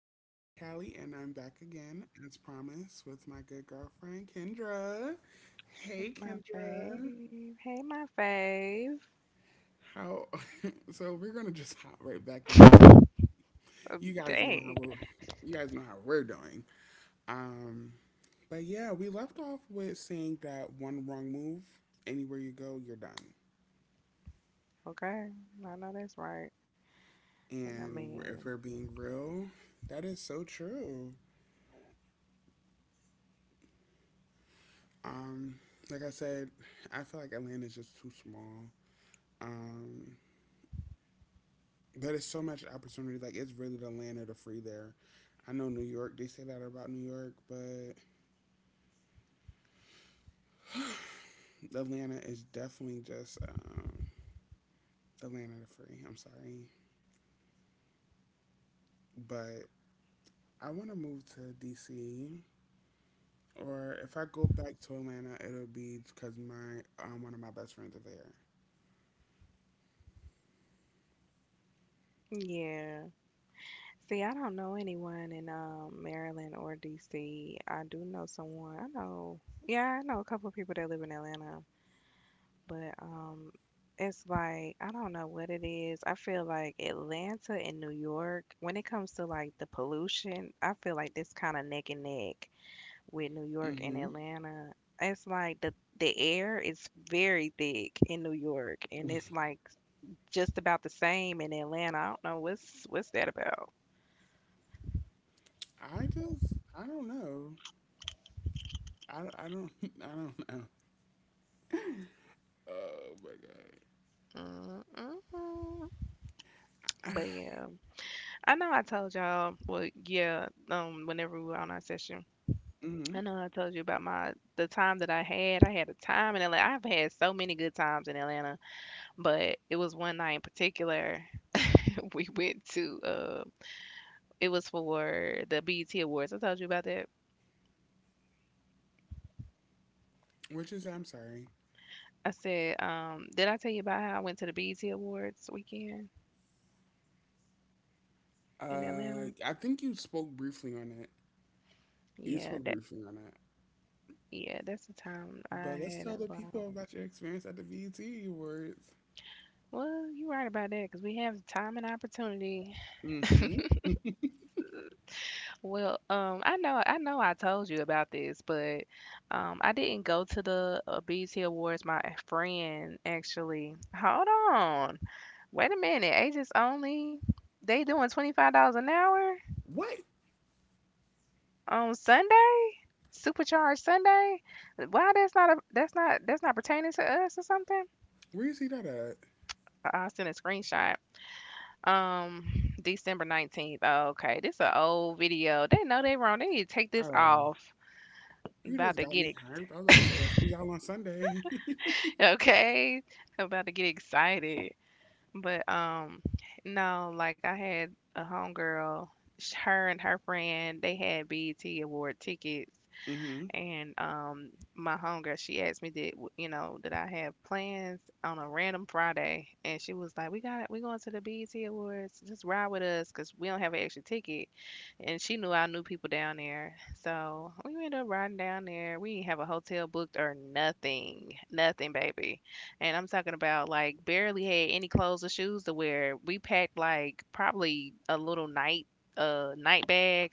it's your girl Callie, and I'm back again, as promised, with my good girlfriend Kendra. Hey that's my Kendra, fave. Hey, my fave. how? So we're gonna just hop right back into. You Um, guys know how dang. we're. You guys know how we're doing. Um, but yeah, we left off with saying that one wrong move, anywhere you go, you're done. Okay, I know that's right. And I And if mean, we're being real, that is so true. Um, like I said, I feel like Atlanta's just too small. Um, But it's so much opportunity. Like it's really the land of the free there. I know New York. They say that about New York, but Atlanta is definitely just the land of the free. I'm sorry, but I want to move to DC. Or if I go back to Atlanta, it'll be because my one of my best friends are there. yeah. See, I don't know anyone in Maryland or DC. I do know someone. I know. Yeah, I know a couple of people that live in Atlanta, but it's like I don't know what it is. I feel like Atlanta and New York, when it comes to like the pollution, I feel like this kind of neck and neck, with New York and Hmm Atlanta. It's like the air is very thick in New York, and it's like just about the same in Atlanta. I don't know what's that about. I don't know. I don't I don't know. Oh my Mm-mm. god. But yeah, I know I told y'all. Well, yeah, whenever we were on our session, I hmm know I told you about my the time that I had. I had a time in Atlanta. I've had so many good times in Atlanta, but it was one night in particular. We went to it was for the BET Awards. I told you about that. Which is I'm sorry. I said, did I tell you about how I went to the BET Awards weekend in Uh, Atlanta? I think you spoke briefly on it. You Yeah, spoke that briefly on it. yeah, that's the time I But let's had tell a the ball. people about your experience at the BET Awards. Well, you're right about that because we have time and opportunity. Mm-hmm. Well, I know I told you about this, but I didn't go to the BET Awards. My friend actually. Hold on, wait a minute. Ages only. They doing $25 an hour What? on Sunday, supercharged Sunday. Why that's not a that's not pertaining to us or something? Where you see that at? I sent a screenshot. Um, December 19th. Oh, okay, this is an old video. They know they wrong. They need to take this Oh, off. you About just to got get me ex- hyped. I was about to say, I see y'all on Sunday. Okay. About to get excited. But no, like I had a homegirl. Her and her friend they had BET award tickets Mm-hmm. and my homegirl, she asked me did w- you know did I have plans on a random Friday, and she was like, "We going to the BET Awards. Just ride with us, cause we don't have an extra ticket." And she knew I knew people down there, so we ended up riding down there. We didn't have a hotel booked or nothing, nothing, baby. And I'm talking about like barely had any clothes or shoes to wear. We packed like probably a little night bag,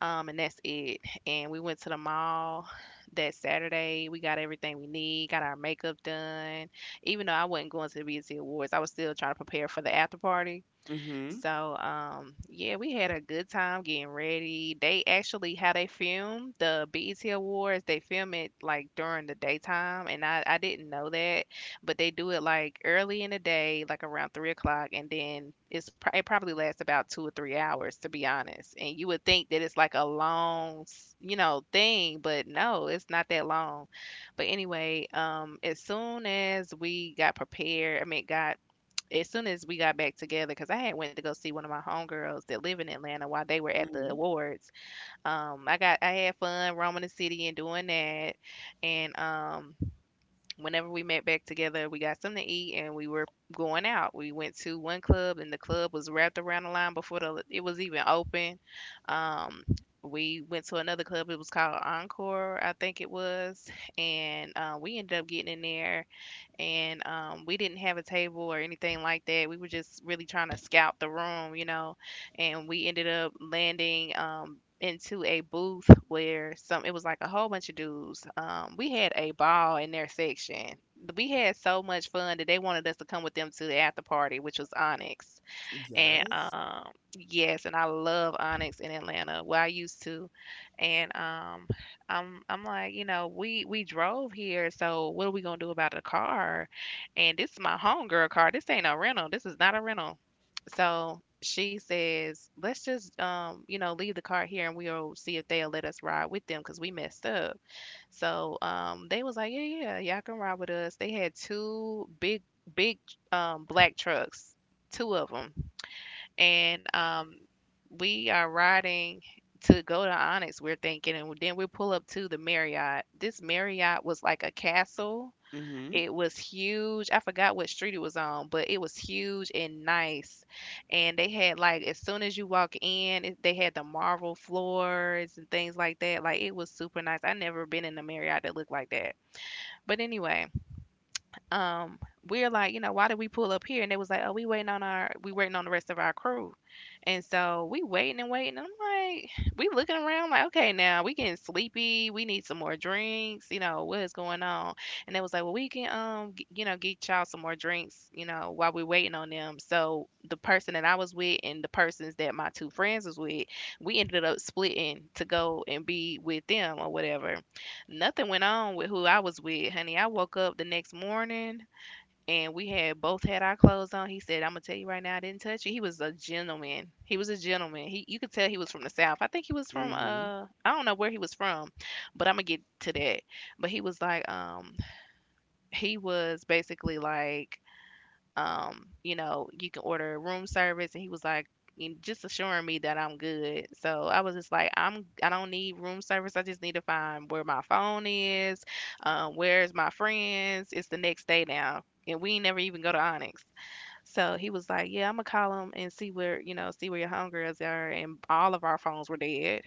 and that's it. And we went to the mall that Saturday. We got everything we need, got our makeup done. Even though I wasn't going to the BET Awards, I was still trying to prepare for the after party. Mm-hmm. So, yeah, we had a good time getting ready. They actually how they film the BET Awards, they film it like during the daytime, and I didn't know that, but they do it like early in the day, like around 3 o'clock, and then it probably lasts about 2 or 3 hours to be honest. And you would think that it's like a long thing, but no, it's not that long. But anyway, as soon as we got prepared, I mean, got as soon as we got back together, because I had went to go see one of my homegirls that live in Atlanta while they were at the Mm-hmm. awards. I had fun roaming the city and doing that, and whenever we met back together, we got something to eat and we were going out. We went to one club and the club was wrapped around the line before the it was even open. Um, we went to another club. It was called Encore, I think it was, and we ended up getting in there and we didn't have a table or anything like that. We were just really trying to scout the room, you know, and we ended up landing into a booth where some it was like a whole bunch of dudes. We had a ball in their section. We had so much fun that they wanted us to come with them to the after party, which was Onyx. And, Yes. Yes, and I love Onyx in Atlanta, well, I used to, and, I'm like, you know, "We drove here, so what are we gonna do about the car?" And this is my homegirl car, this ain't no rental, this is not a rental. So, she says, "Let's just, leave the car here, and we'll see if they'll let us ride with them 'cause we messed up." So, they was like, "Yeah, yeah, yeah, y'all can ride with us." They had two big, black trucks, two of 'em, and we are riding to go to Onyx. We're thinking, and then we pull up to the Marriott. This Marriott was like a castle. Mm-hmm. It was huge. I forgot what street it was on, but it was huge and nice. And they had like as soon as you walk in, they had the marble floors and things like that. Like it was super nice. I never been in a Marriott that looked like that. But anyway, um we're like, you know, why did we pull up here? And they was like, oh, we waiting on the rest of our crew. And so we waiting and waiting, and I'm like, we looking around like, okay, now we getting sleepy, we need some more drinks, you know, what is going on? And they was like, well, we can get y'all some more drinks you know while we waiting on them. So the person that I was with and the persons that my two friends was with, we ended up splitting to go and be with them or whatever. Nothing went on with who I was with, honey. I woke up the next morning and we had both had our clothes on. He said, "I'm gonna tell you right now, I didn't touch you." He was a gentleman. He was a gentleman. You could tell he was from the south. I think he was from Mm-hmm. I don't know where he was from, but I'm gonna get to that. But he was like, he was basically like, you can order room service. And he was like, just assuring me that I'm good. So I was just like, I don't need room service. I just need to find where my phone is, where's my friends. It's the next day now. And we ain't never even go to Onyx. So he was like, yeah, I'm gonna call him and see where your homegirls are. And all of our phones were dead.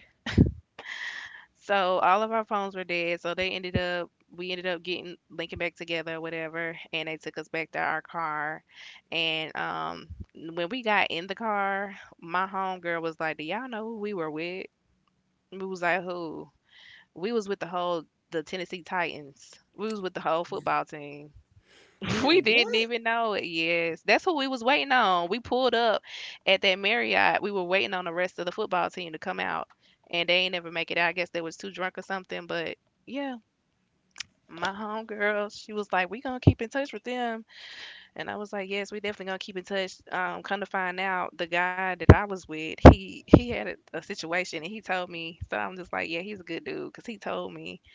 So all of our phones were dead. So they ended up we ended up getting linking back together, whatever, and they took us back to our car. And when we got in the car, my homegirl was like, "Do y'all know who we were with?" We was like, "Who?" We was with the whole the Tennessee Titans. We was with the whole football team. We Man, didn't what? even know it. Yes, that's who we was waiting on. We pulled up at that Marriott. We were waiting on the rest of the football team to come out, and they ain't never make it out. I guess they was too drunk or something. But yeah, my homegirl, she was like, "We gonna keep in touch with them," and I was like, "Yes, we definitely gonna keep in touch." Come to find out, the guy that I was with, he had a situation, and he told me. So I'm just like, "Yeah, he's a good dude," because he told me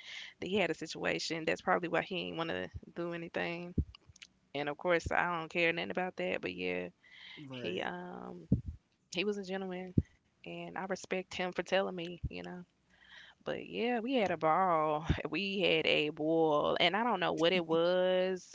that he had a situation. That's probably why he ain't wanna do anything. And of course, I don't care nothing about that. But yeah, he Right. um he was a gentleman, and I respect him for telling me, you know. But yeah, we had a ball. We had a ball, and I don't know what it was,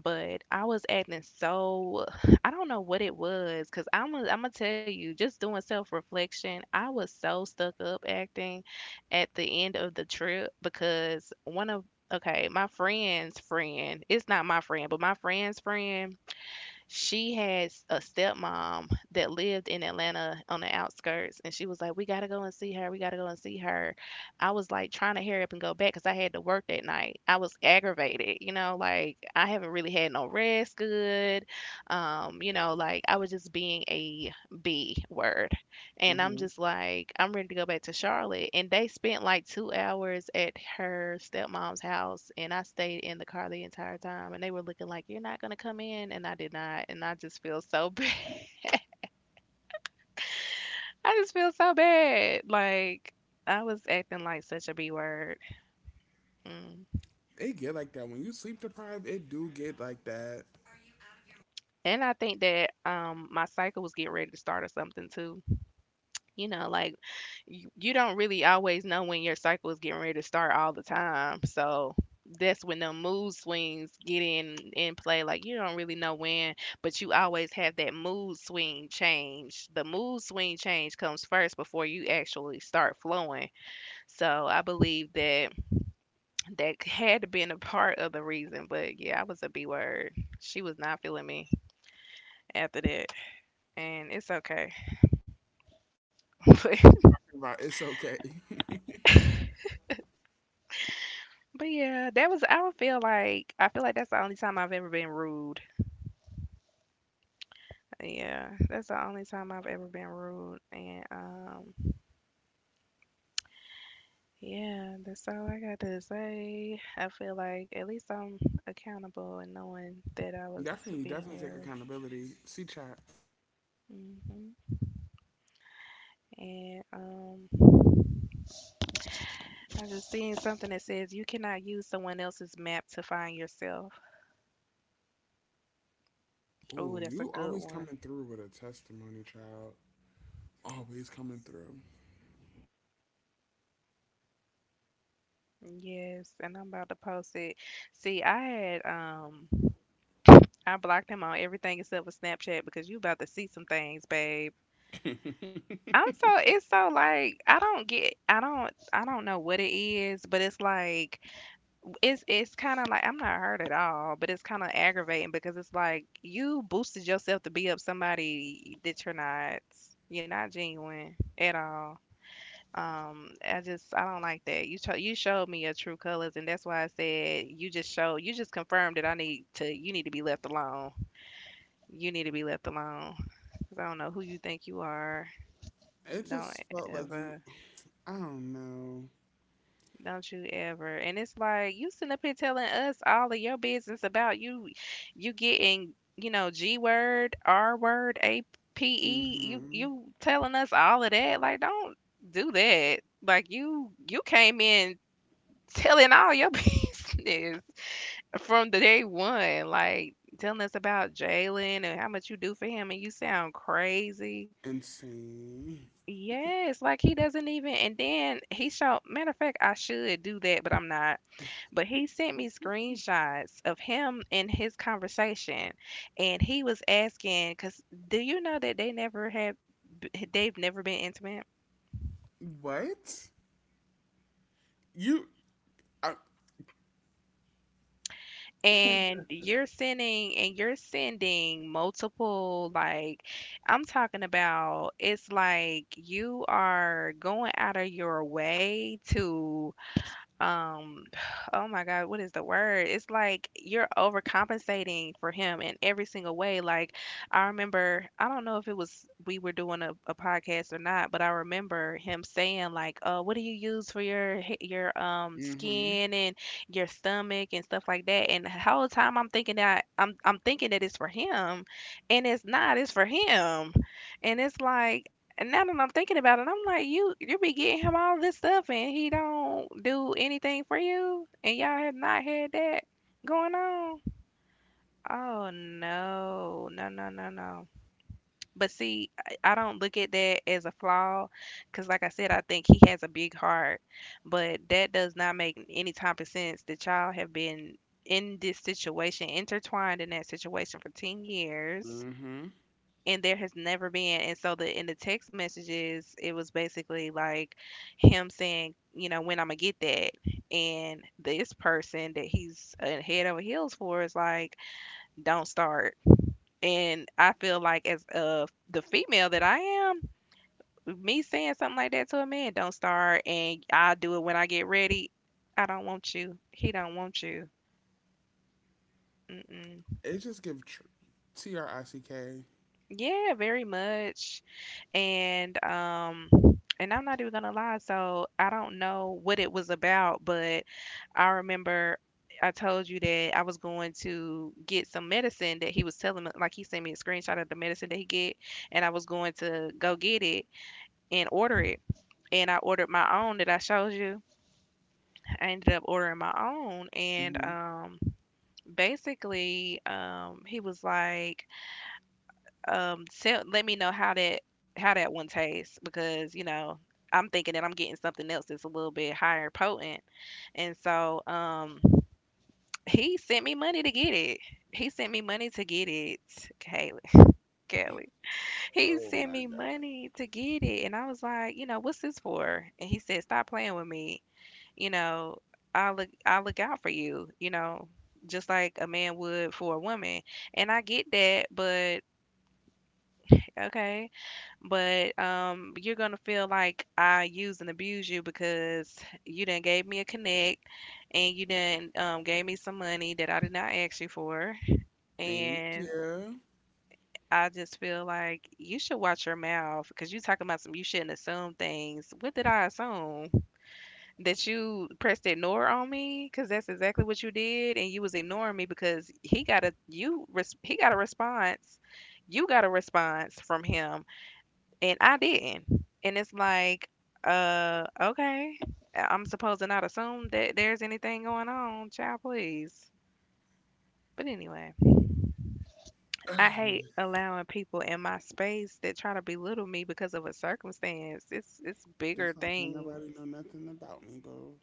but I was acting so I don't know what it was, cause I'm gonna tell you, just doing self reflection, I was so stuck up acting at the end of the trip because one of okay, my friend's friend, it's not my friend, but my friend's friend, she had a stepmom that lived in Atlanta on the outskirts, and she was like, "We gotta go and see her. We gotta go and see her." I was like trying to hurry up and go back because I had to work that night. I was aggravated, you know, like I haven't really had no rest good. Like I was just being a B word. And I'm Mm-hmm. just like, I'm ready to go back to Charlotte. And they spent like 2 hours at her stepmom's house, and I stayed in the car the entire time. And they were looking like, "You're not gonna come in," and I did not. And I just feel so bad. I just feel so bad. Like I was acting like such a B word. Mm. It get like that when you sleep deprived. It do get like that. And I think that my cycle was getting ready to start or something too. You know, like you don't really always know when your cycle is getting ready to start all the time. So that's when the mood swings get in play. Like you don't really know when, but you always have that mood swing change. The mood swing change comes first before you actually start flowing. So I believe that that had to been a part of the reason. But yeah, I was a B word. She was not feeling me after that, and it's okay. But But it's okay. but yeah, that was I don't feel like I feel like that's the only time I've ever been rude. Yeah, that's the only time I've ever been rude. And yeah, that's all I got to say. I feel like at least I'm accountable and knowing that I was Definitely, being definitely take rude. accountability. See, chat. hmm And I just seen something that says you cannot use someone else's map to find yourself. Ooh, Ooh, that's a you good always one. coming through with a testimony, child. Always coming through. Yes, and I'm about to post it. See, I had I blocked him on everything except for Snapchat because you about to see some things, babe. I'm so it's so like I don't know what it is, but it's kind of like I'm not hurt at all, but it's kind of aggravating because it's like you boosted yourself to be up somebody that you're not. You're not genuine at all. I don't like that. You showed me your true colors, and that's why I said you just confirmed that I need to you need to be left alone. You need to be left alone. 'Cause I don't know who you think you are. It Don't just felt like you. ever. I don't know. Don't you ever. And it's like you sitting up here telling us all of your business about you getting, you know, G word, R word, APE. Mm-hmm. You telling us all of that. Like don't do that. Like you came in telling all your business from the day one. Like telling us about Jalen and how much you do for him and you sound crazy. Insane. Yes, like he doesn't even and then he showed matter of fact I should do that, but I'm not but he sent me screenshots of him and his conversation, and he was asking, "Cause do you know that they never have, they've never been intimate?" What? You. I, And you're sending multiple, like, I'm talking about, it's like you are going out of your way to um oh my god, what is the word? It's like you're overcompensating for him in every single way. Like I remember, I don't know if it was we were doing a podcast or not, but I remember him saying like what do you use for your mm-hmm. skin and your stomach and stuff like that, and the whole time I'm thinking that I'm thinking that it's for him, and it's not, it's for him. And it's like, and now that I'm thinking about it, I'm like, you be getting him all this stuff and he don't do anything for you, and y'all have not had that going on. Oh no, no, no, no, no. But see, I don't look at that as a flaw, because like I said, I think he has a big heart. But that does not make any type of sense that y'all have been in this situation, intertwined in that situation for 10 years Mm-hmm. and there has never been. And so the in the text messages, it was basically like him saying, you know, when I'm gonna get that, and this person that he's head over heels for is like, don't start. And I feel like as the female that I am, me saying something like that to a man, don't start and I'll do it when I get ready, I don't want you, he don't want you. Mm-mm. It just give TRICK. Yeah, very much. And um and I'm not even gonna lie, so I don't know what it was about, but I remember I told you that I was going to get some medicine that he was telling me, like he sent me a screenshot of the medicine that he get, and I was going to go get it and order it. And I ordered my own that I showed you. I ended up ordering my own, and Mm-hmm. He was like, tell let me know how that one tastes, because you know I'm thinking that I'm getting something else that's a little bit higher potent. And so he sent me money to get it. He sent me money to get it. Kaylee. Kelly. He Oh sent my me god. money to get it. And I was like, you know, what's this for? And he said, stop playing with me. You know, I'll look out for you, you know, just like a man would for a woman. And I get that, but okay, but you're gonna feel like I use and abuse you because you done gave me a connect and you done gave me some money that I did not ask you for, Thank and you. I just feel like you should watch your mouth because you talking about some, you shouldn't assume things. What did I assume? That you pressed ignore on me? Because that's exactly what you did, and you was ignoring me because he got a he got a response, you got a response from him and I didn't. And it's like, okay, I- am supposed to not assume that there's anything going on, child, please. But anyway, I hate allowing people in my space that try to belittle me because of a circumstance. It's bigger Just like can't thing. nobody know nothing about me, boo.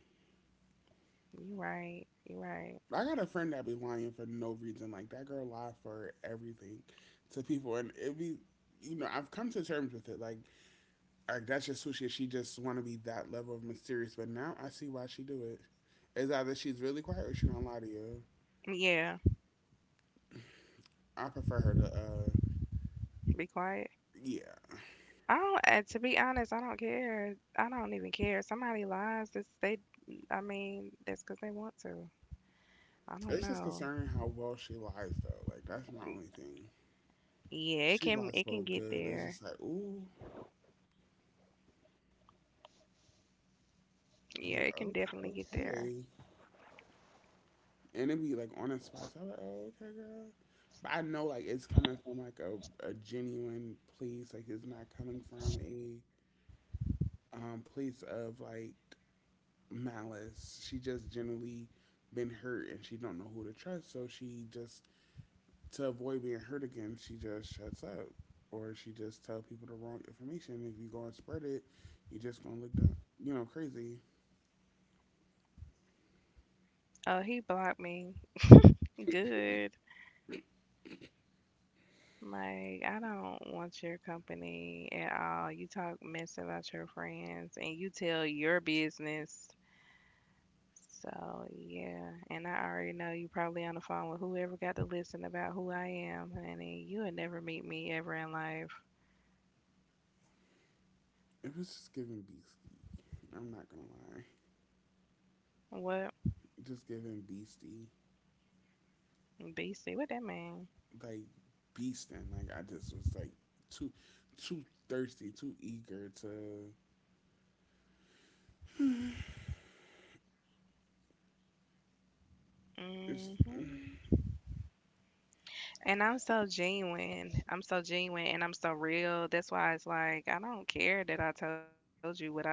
You right, you right. I got a friend that be lying for no reason. Like that girl lied for everything to people, and it be you know I've come to terms with it. Like that's just who she is. She just want to be that level of mysterious. But now I see why she do it. It's either she's really quiet or she don't lie to you. Yeah, I prefer her to be quiet. yeah. I don't. To be honest, I don't care. I don't even care. Somebody lies. This they. I mean, that's because they want to. I don't It's just know. concerning how well she lies though. Like that's my only thing. Yeah, She lies it so can get good. It's just there. like ooh. Yeah, I'm like it can okay, definitely get there. okay. And it be like on a spot. So I'm like, oh, okay, girl. But I know like it's coming from like a genuine place. Like it's not coming from a place of like malice. She just generally been hurt and she don't know who to trust. So she just to avoid being hurt again, she just shuts up or she just tell people the wrong information. If you go and spread it, you're just gonna look dumb. You know, crazy. Oh, he blocked me. Good. Like, I don't want your company at all. You talk mess about your friends and you tell your business. So, yeah. And I already know you probably on the phone with whoever got to listen about who I am, honey. You would never meet me ever in life. It was just giving beastie. I'm not gonna lie, What? just giving beastie. Beastie. What that mean? Like beasting. Like I just was like too too thirsty, too eager to. Mm It's, hmm. And I'm so genuine. I'm so genuine and I'm so real. That's why it's like, I don't care that I told you what I told you.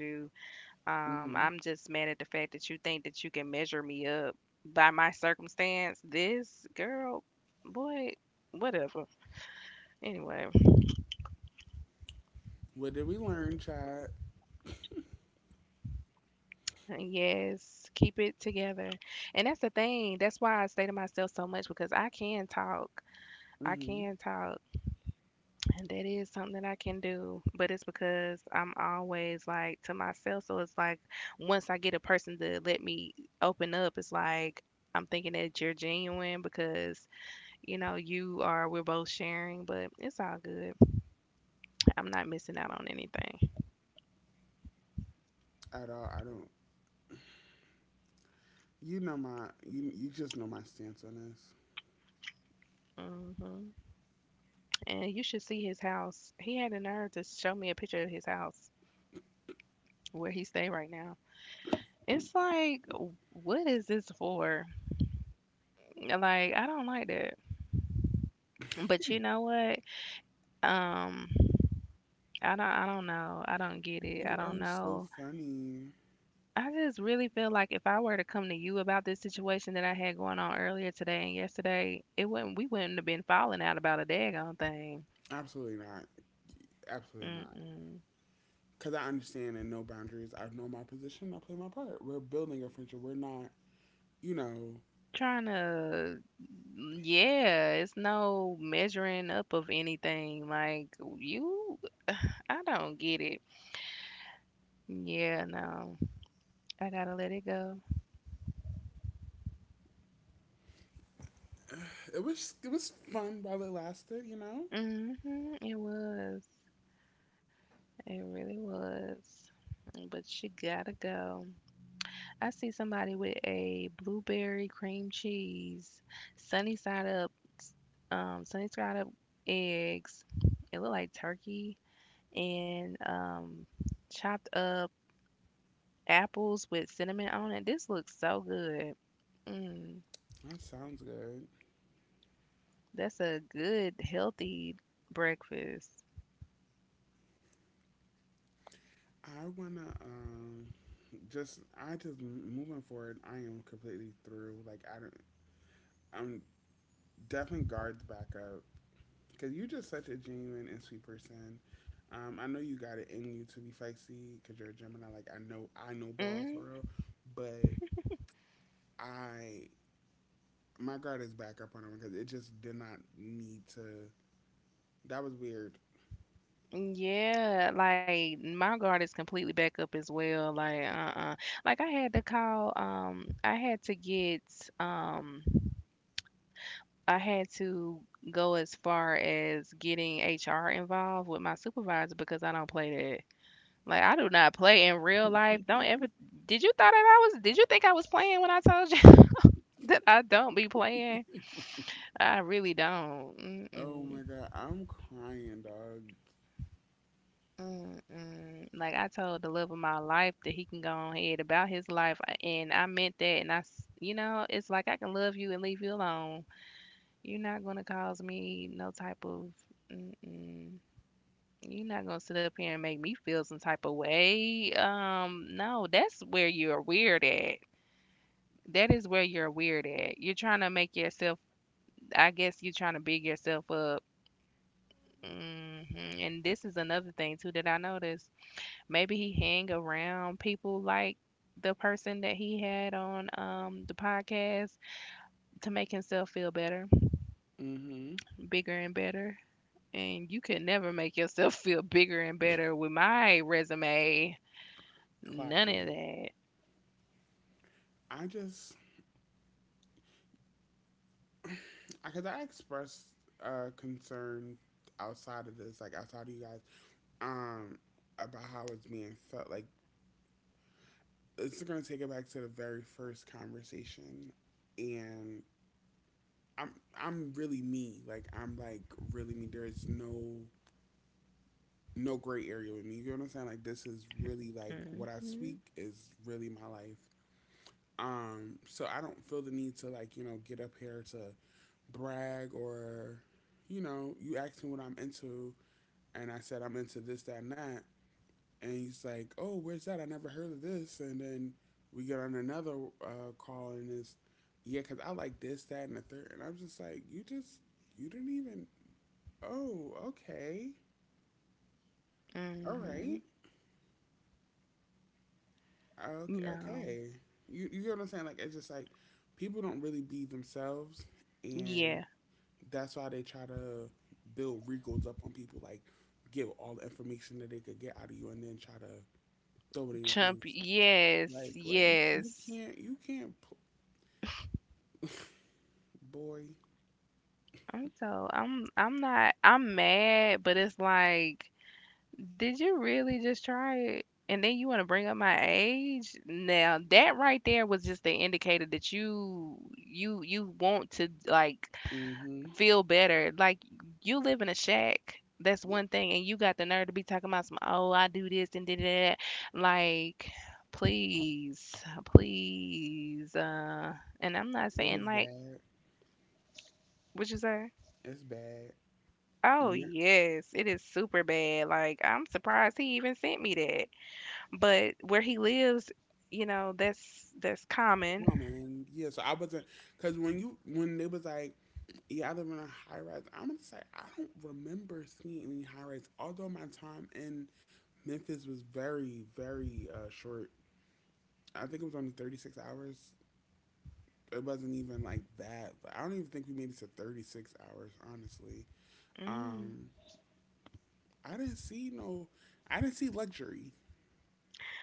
I'm just mad at the mm-hmm. fact that you think that you can measure me up by my circumstance. This girl, boy, whatever. Anyway, What did we learn, Chad? yes, keep it together. And that's the thing. That's why I say to myself so much because I can talk. I can talk. Mm-hmm. And that is something that I can do, but it's because I'm always like to myself. So it's like once I get a person to let me open up, it's like I'm thinking that you're genuine because you know you are. We're both sharing, but it's all good. I'm not missing out on anything. At all? I don't. You know my. You just know my stance on this. Hmm. And you should see his house. He had the nerve to show me a picture of his house where he stay right now. It's like, what is this for? Like I don't like that. But you know what? Um, I don't know. I don't get it. I You don't are know. so funny. I just really feel like if I were to come to you about this situation that I had going on earlier today and yesterday, it wouldn't we wouldn't have been falling out about a daggone thing. Absolutely not. Absolutely not. Mm-mm. Because I understand and know boundaries. I know my position. I play my part. We're building a friendship. We're not. You know. Trying to, yeah, it's no measuring up of anything. Like you, I don't get it. Yeah, no, I gotta let it go. It was fun while it lasted. You know. Hmm, it was. It really was. But she gotta go. I see somebody with a blueberry cream cheese, sunny side up, um, sunny side up eggs. It looked like turkey and chopped up apples with cinnamon on it. This looks so good. Mm, That sounds good. that's a good, healthy breakfast. I wanna just I just moving forward. I am completely through. Like I don't. I'm definitely guards back up because you're just such a genuine and sweet person. I know you got it in you to be feisty because you're a Gemini. Like I know ball Mm. for real, but I my guard is back up on that one because it just did not need to. That was weird. Yeah, like my guard is completely back up as well. Like, uh-uh. Like I had to call, I had to get, um, I had to go as far as getting HR involved with my supervisor because I don't play that. Like I do not play in real life. Don't ever, did you think I was playing when I told you that I don't be playing? I really don't. Oh Mm-mm. my god, I'm crying, dog. Mm-mm. Like I told the love of my life that he can go on ahead about his life, and I meant that. And I, s- you know, it's like I can love you and leave you alone. You're not gonna cause me no type of. Mm-mm. You're not gonna sit up here and make me feel some type of way. No, that's where you're weird at. That is where you're weird at. You're trying to make yourself. I guess you're trying to big yourself up. hmm And this is another thing too that I noticed. Maybe he hang around people like the person that he had on the podcast to make himself feel better, Mm-hmm. bigger and better. And you could never make yourself feel bigger and better with my resume. Clock None of it. that. I just because I expressed concern outside of this, like outside of you guys, um, about how it's being felt. Like it's going to take it back to the very first conversation, and I'm I'm really me. Like I'm like really me. There's no gray area with me. You know what I'm saying? Like this is really like what I Mhm. speak is really my life. So I don't feel the need to like you know get up here to brag or you know you ask me what I'm into and I said I'm into this, that, and that. And he's like, "Oh, where's that? I never heard of this." And then we get on another call, and it's yeah, because I like this, that, and the third. And I'm just like, you just you didn't even. Oh, okay, all right, Mhm. okay, No. okay. You get what I'm saying? Like it's just like people don't really be themselves, and Yeah. that's why they try to build regals up on people, like give all the information that they could get out of you, and then try to throw it in your Chump. face. Yes. Like, right? You Yes. can't, you can't, pl- boy. I'm not I'm mad, but it's like, did you really just try it? And then you want to bring up my age? Now that right there was just the indicator that you want to like Hmm feel better. Like you live in a shack. That's one thing, and you got the nerve to be talking about some, oh, I do this and did that. Like, please, please. And I'm not It saying was like bad. what you say. It's bad. Oh Yeah, yes, it is super bad. Like I'm surprised he even sent me that. But where he lives, you know, that's common. come on, man. Yeah. So I wasn't, cause when you, when they was like, yeah, I live in a high rise. I'm gonna say I don't remember seeing any high rise. Although my time in Memphis was very, very short. I think it was only 36 hours. It wasn't even like that. I don't even think we made it to 36 hours, honestly. Mm. Um, I didn't see no, I didn't see luxury.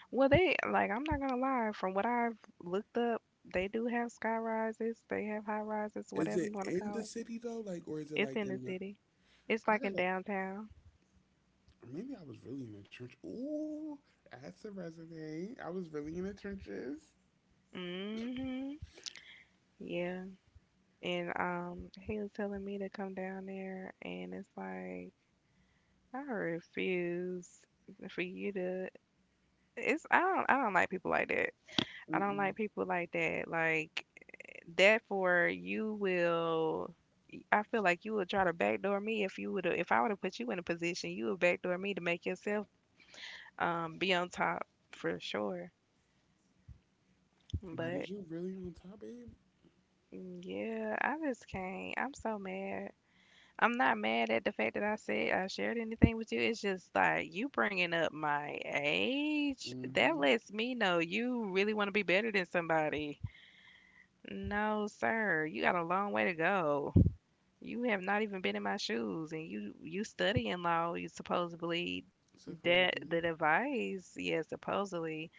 Well, they, like, I'm not gonna lie. From what I've looked up, they do have sky rises. They have high rises, Is whatever you it want to in call the it. city though, like, or is it It's like in the in the? city. It's I like in gotta. downtown. Maybe I was really in the trench. Ooh, that's a resume. I was really in the trenches. hmm Yeah. And he was telling me to come down there, and it's like I refuse for you to. It's I don't like people like that. I don't Mm-mm. like people like that. Like, therefore, you will. I feel like you would try to backdoor me if you would. If I would have put you in a position, you would backdoor me to make yourself be on top for sure. But is But you really on top, babe? Yeah, I just can't. I'm so mad. I'm not mad at the fact that I said I shared anything with you. It's just like you bringing up my age. That Mm-hmm. lets me know you really want to be better than somebody. No, sir. You got a long way to go. You have not even been in my shoes, and you study in law. You supposedly Supposedly. that advice, yeah, supposedly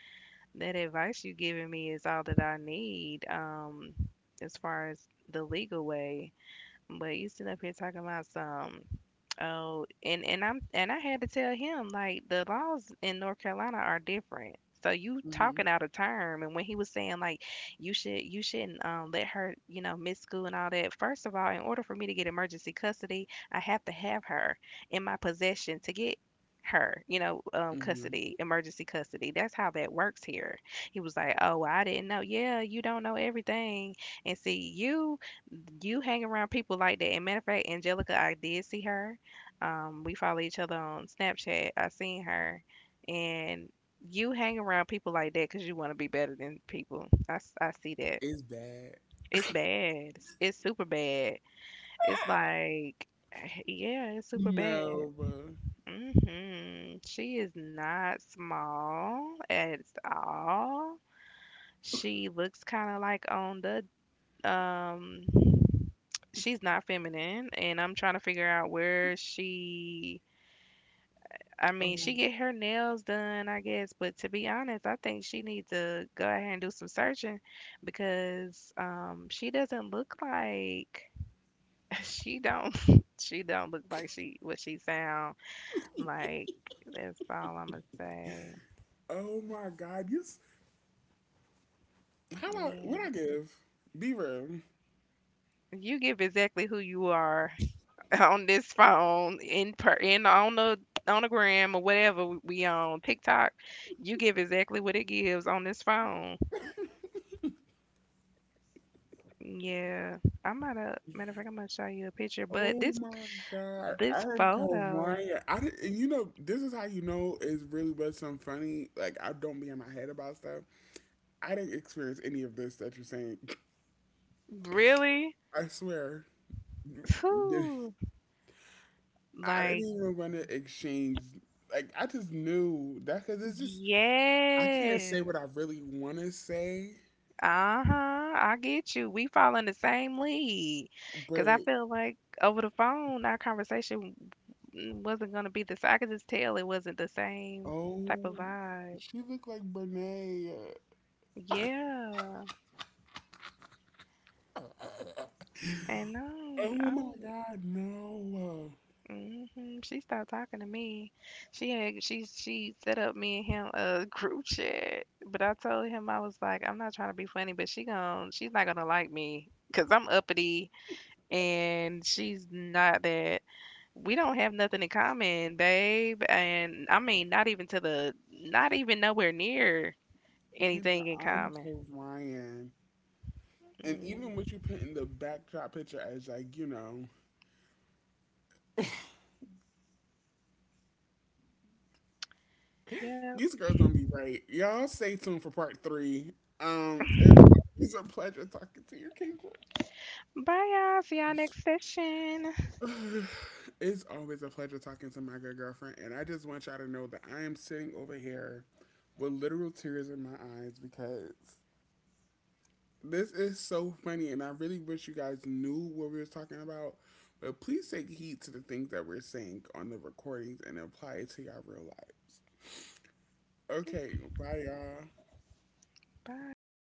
that advice you giving me is all that I need. As far as the legal way, but you sitting up here talking about some. Oh, and I'm, and I had to tell him like the laws in North Carolina are different. So you Mm-hmm. talking out of term, and when he was saying like you shouldn't, let her, you know, miss school and all that. First of all, in order for me to get emergency custody, I have to have her in my possession to get her, you know, Mm-hmm. custody emergency custody. That's how that works here. He was like, oh, I didn't know. Yeah, you don't know everything, and see you hang around people like that. And matter of fact, Angelica, I did see her. We follow each other on Snapchat. I seen her, and you hang around people like that because you want to be better than people. I see that. It's bad. It's bad. It's super bad. It's like, yeah, it's super bad. No, bro. She is not small at all. She looks kind of like on the um she's not feminine, and I'm trying to figure out where she, I mean, Oh, she get her nails done, I guess, but to be honest, I think she needs to go ahead and do some searching, because she doesn't look like, she don't she don't look like she what she sound like. That's all I'm gonna say. oh my God. You. S- How about what Yeah, I give? Be real. you give exactly who you are on this phone, in per in on the, on the gram, or whatever, we on TikTok, you give exactly what it gives on this phone. Yeah, I might have. Matter of fact, I'm gonna show you a picture, but Oh my God. this I'm didn't photo Mariah. I didn't, and you know, this is how you know it's really was some funny. Like, I don't be in my head about stuff. I didn't experience any of this that you're saying. really, I swear. Did- whew, I didn't like even want to exchange. Like, I just knew that because it's just, I can't yes. say what I really want to say, Uh-huh. I get you. We fall in the same cause I but feel like over the phone, our conversation wasn't gonna be the same. I could just tell it wasn't the same type of oh, vibe. she looked like Brene. Yeah. And Oh my God, no. mm-hmm, she stopped talking to me. She had she set up me and him a group chat, but I told him, I was like, I'm not trying to be funny, but she's not gonna like me, because 'cause I'm uppity and she's not that. We don't have nothing in common, babe. And I mean, not even to the, not even nowhere near Kendra, anything in I'm common. Cold Ryan. And Mm, even what you put in the backdrop picture as like, you know, yep. these girls gonna be right. Y'all stay tuned for part 3. It's always a pleasure talking to you, Bye, y'all. See y'all next session. Kendra. it's always a pleasure talking to my good girlfriend, and I just want y'all to know that I am sitting over here with literal tears in my eyes because this is so funny, and I really wish you guys knew what we were talking about. But please take heed to the things that we're saying on the recordings and apply it to your real lives. Okay, bye, y'all. Bye.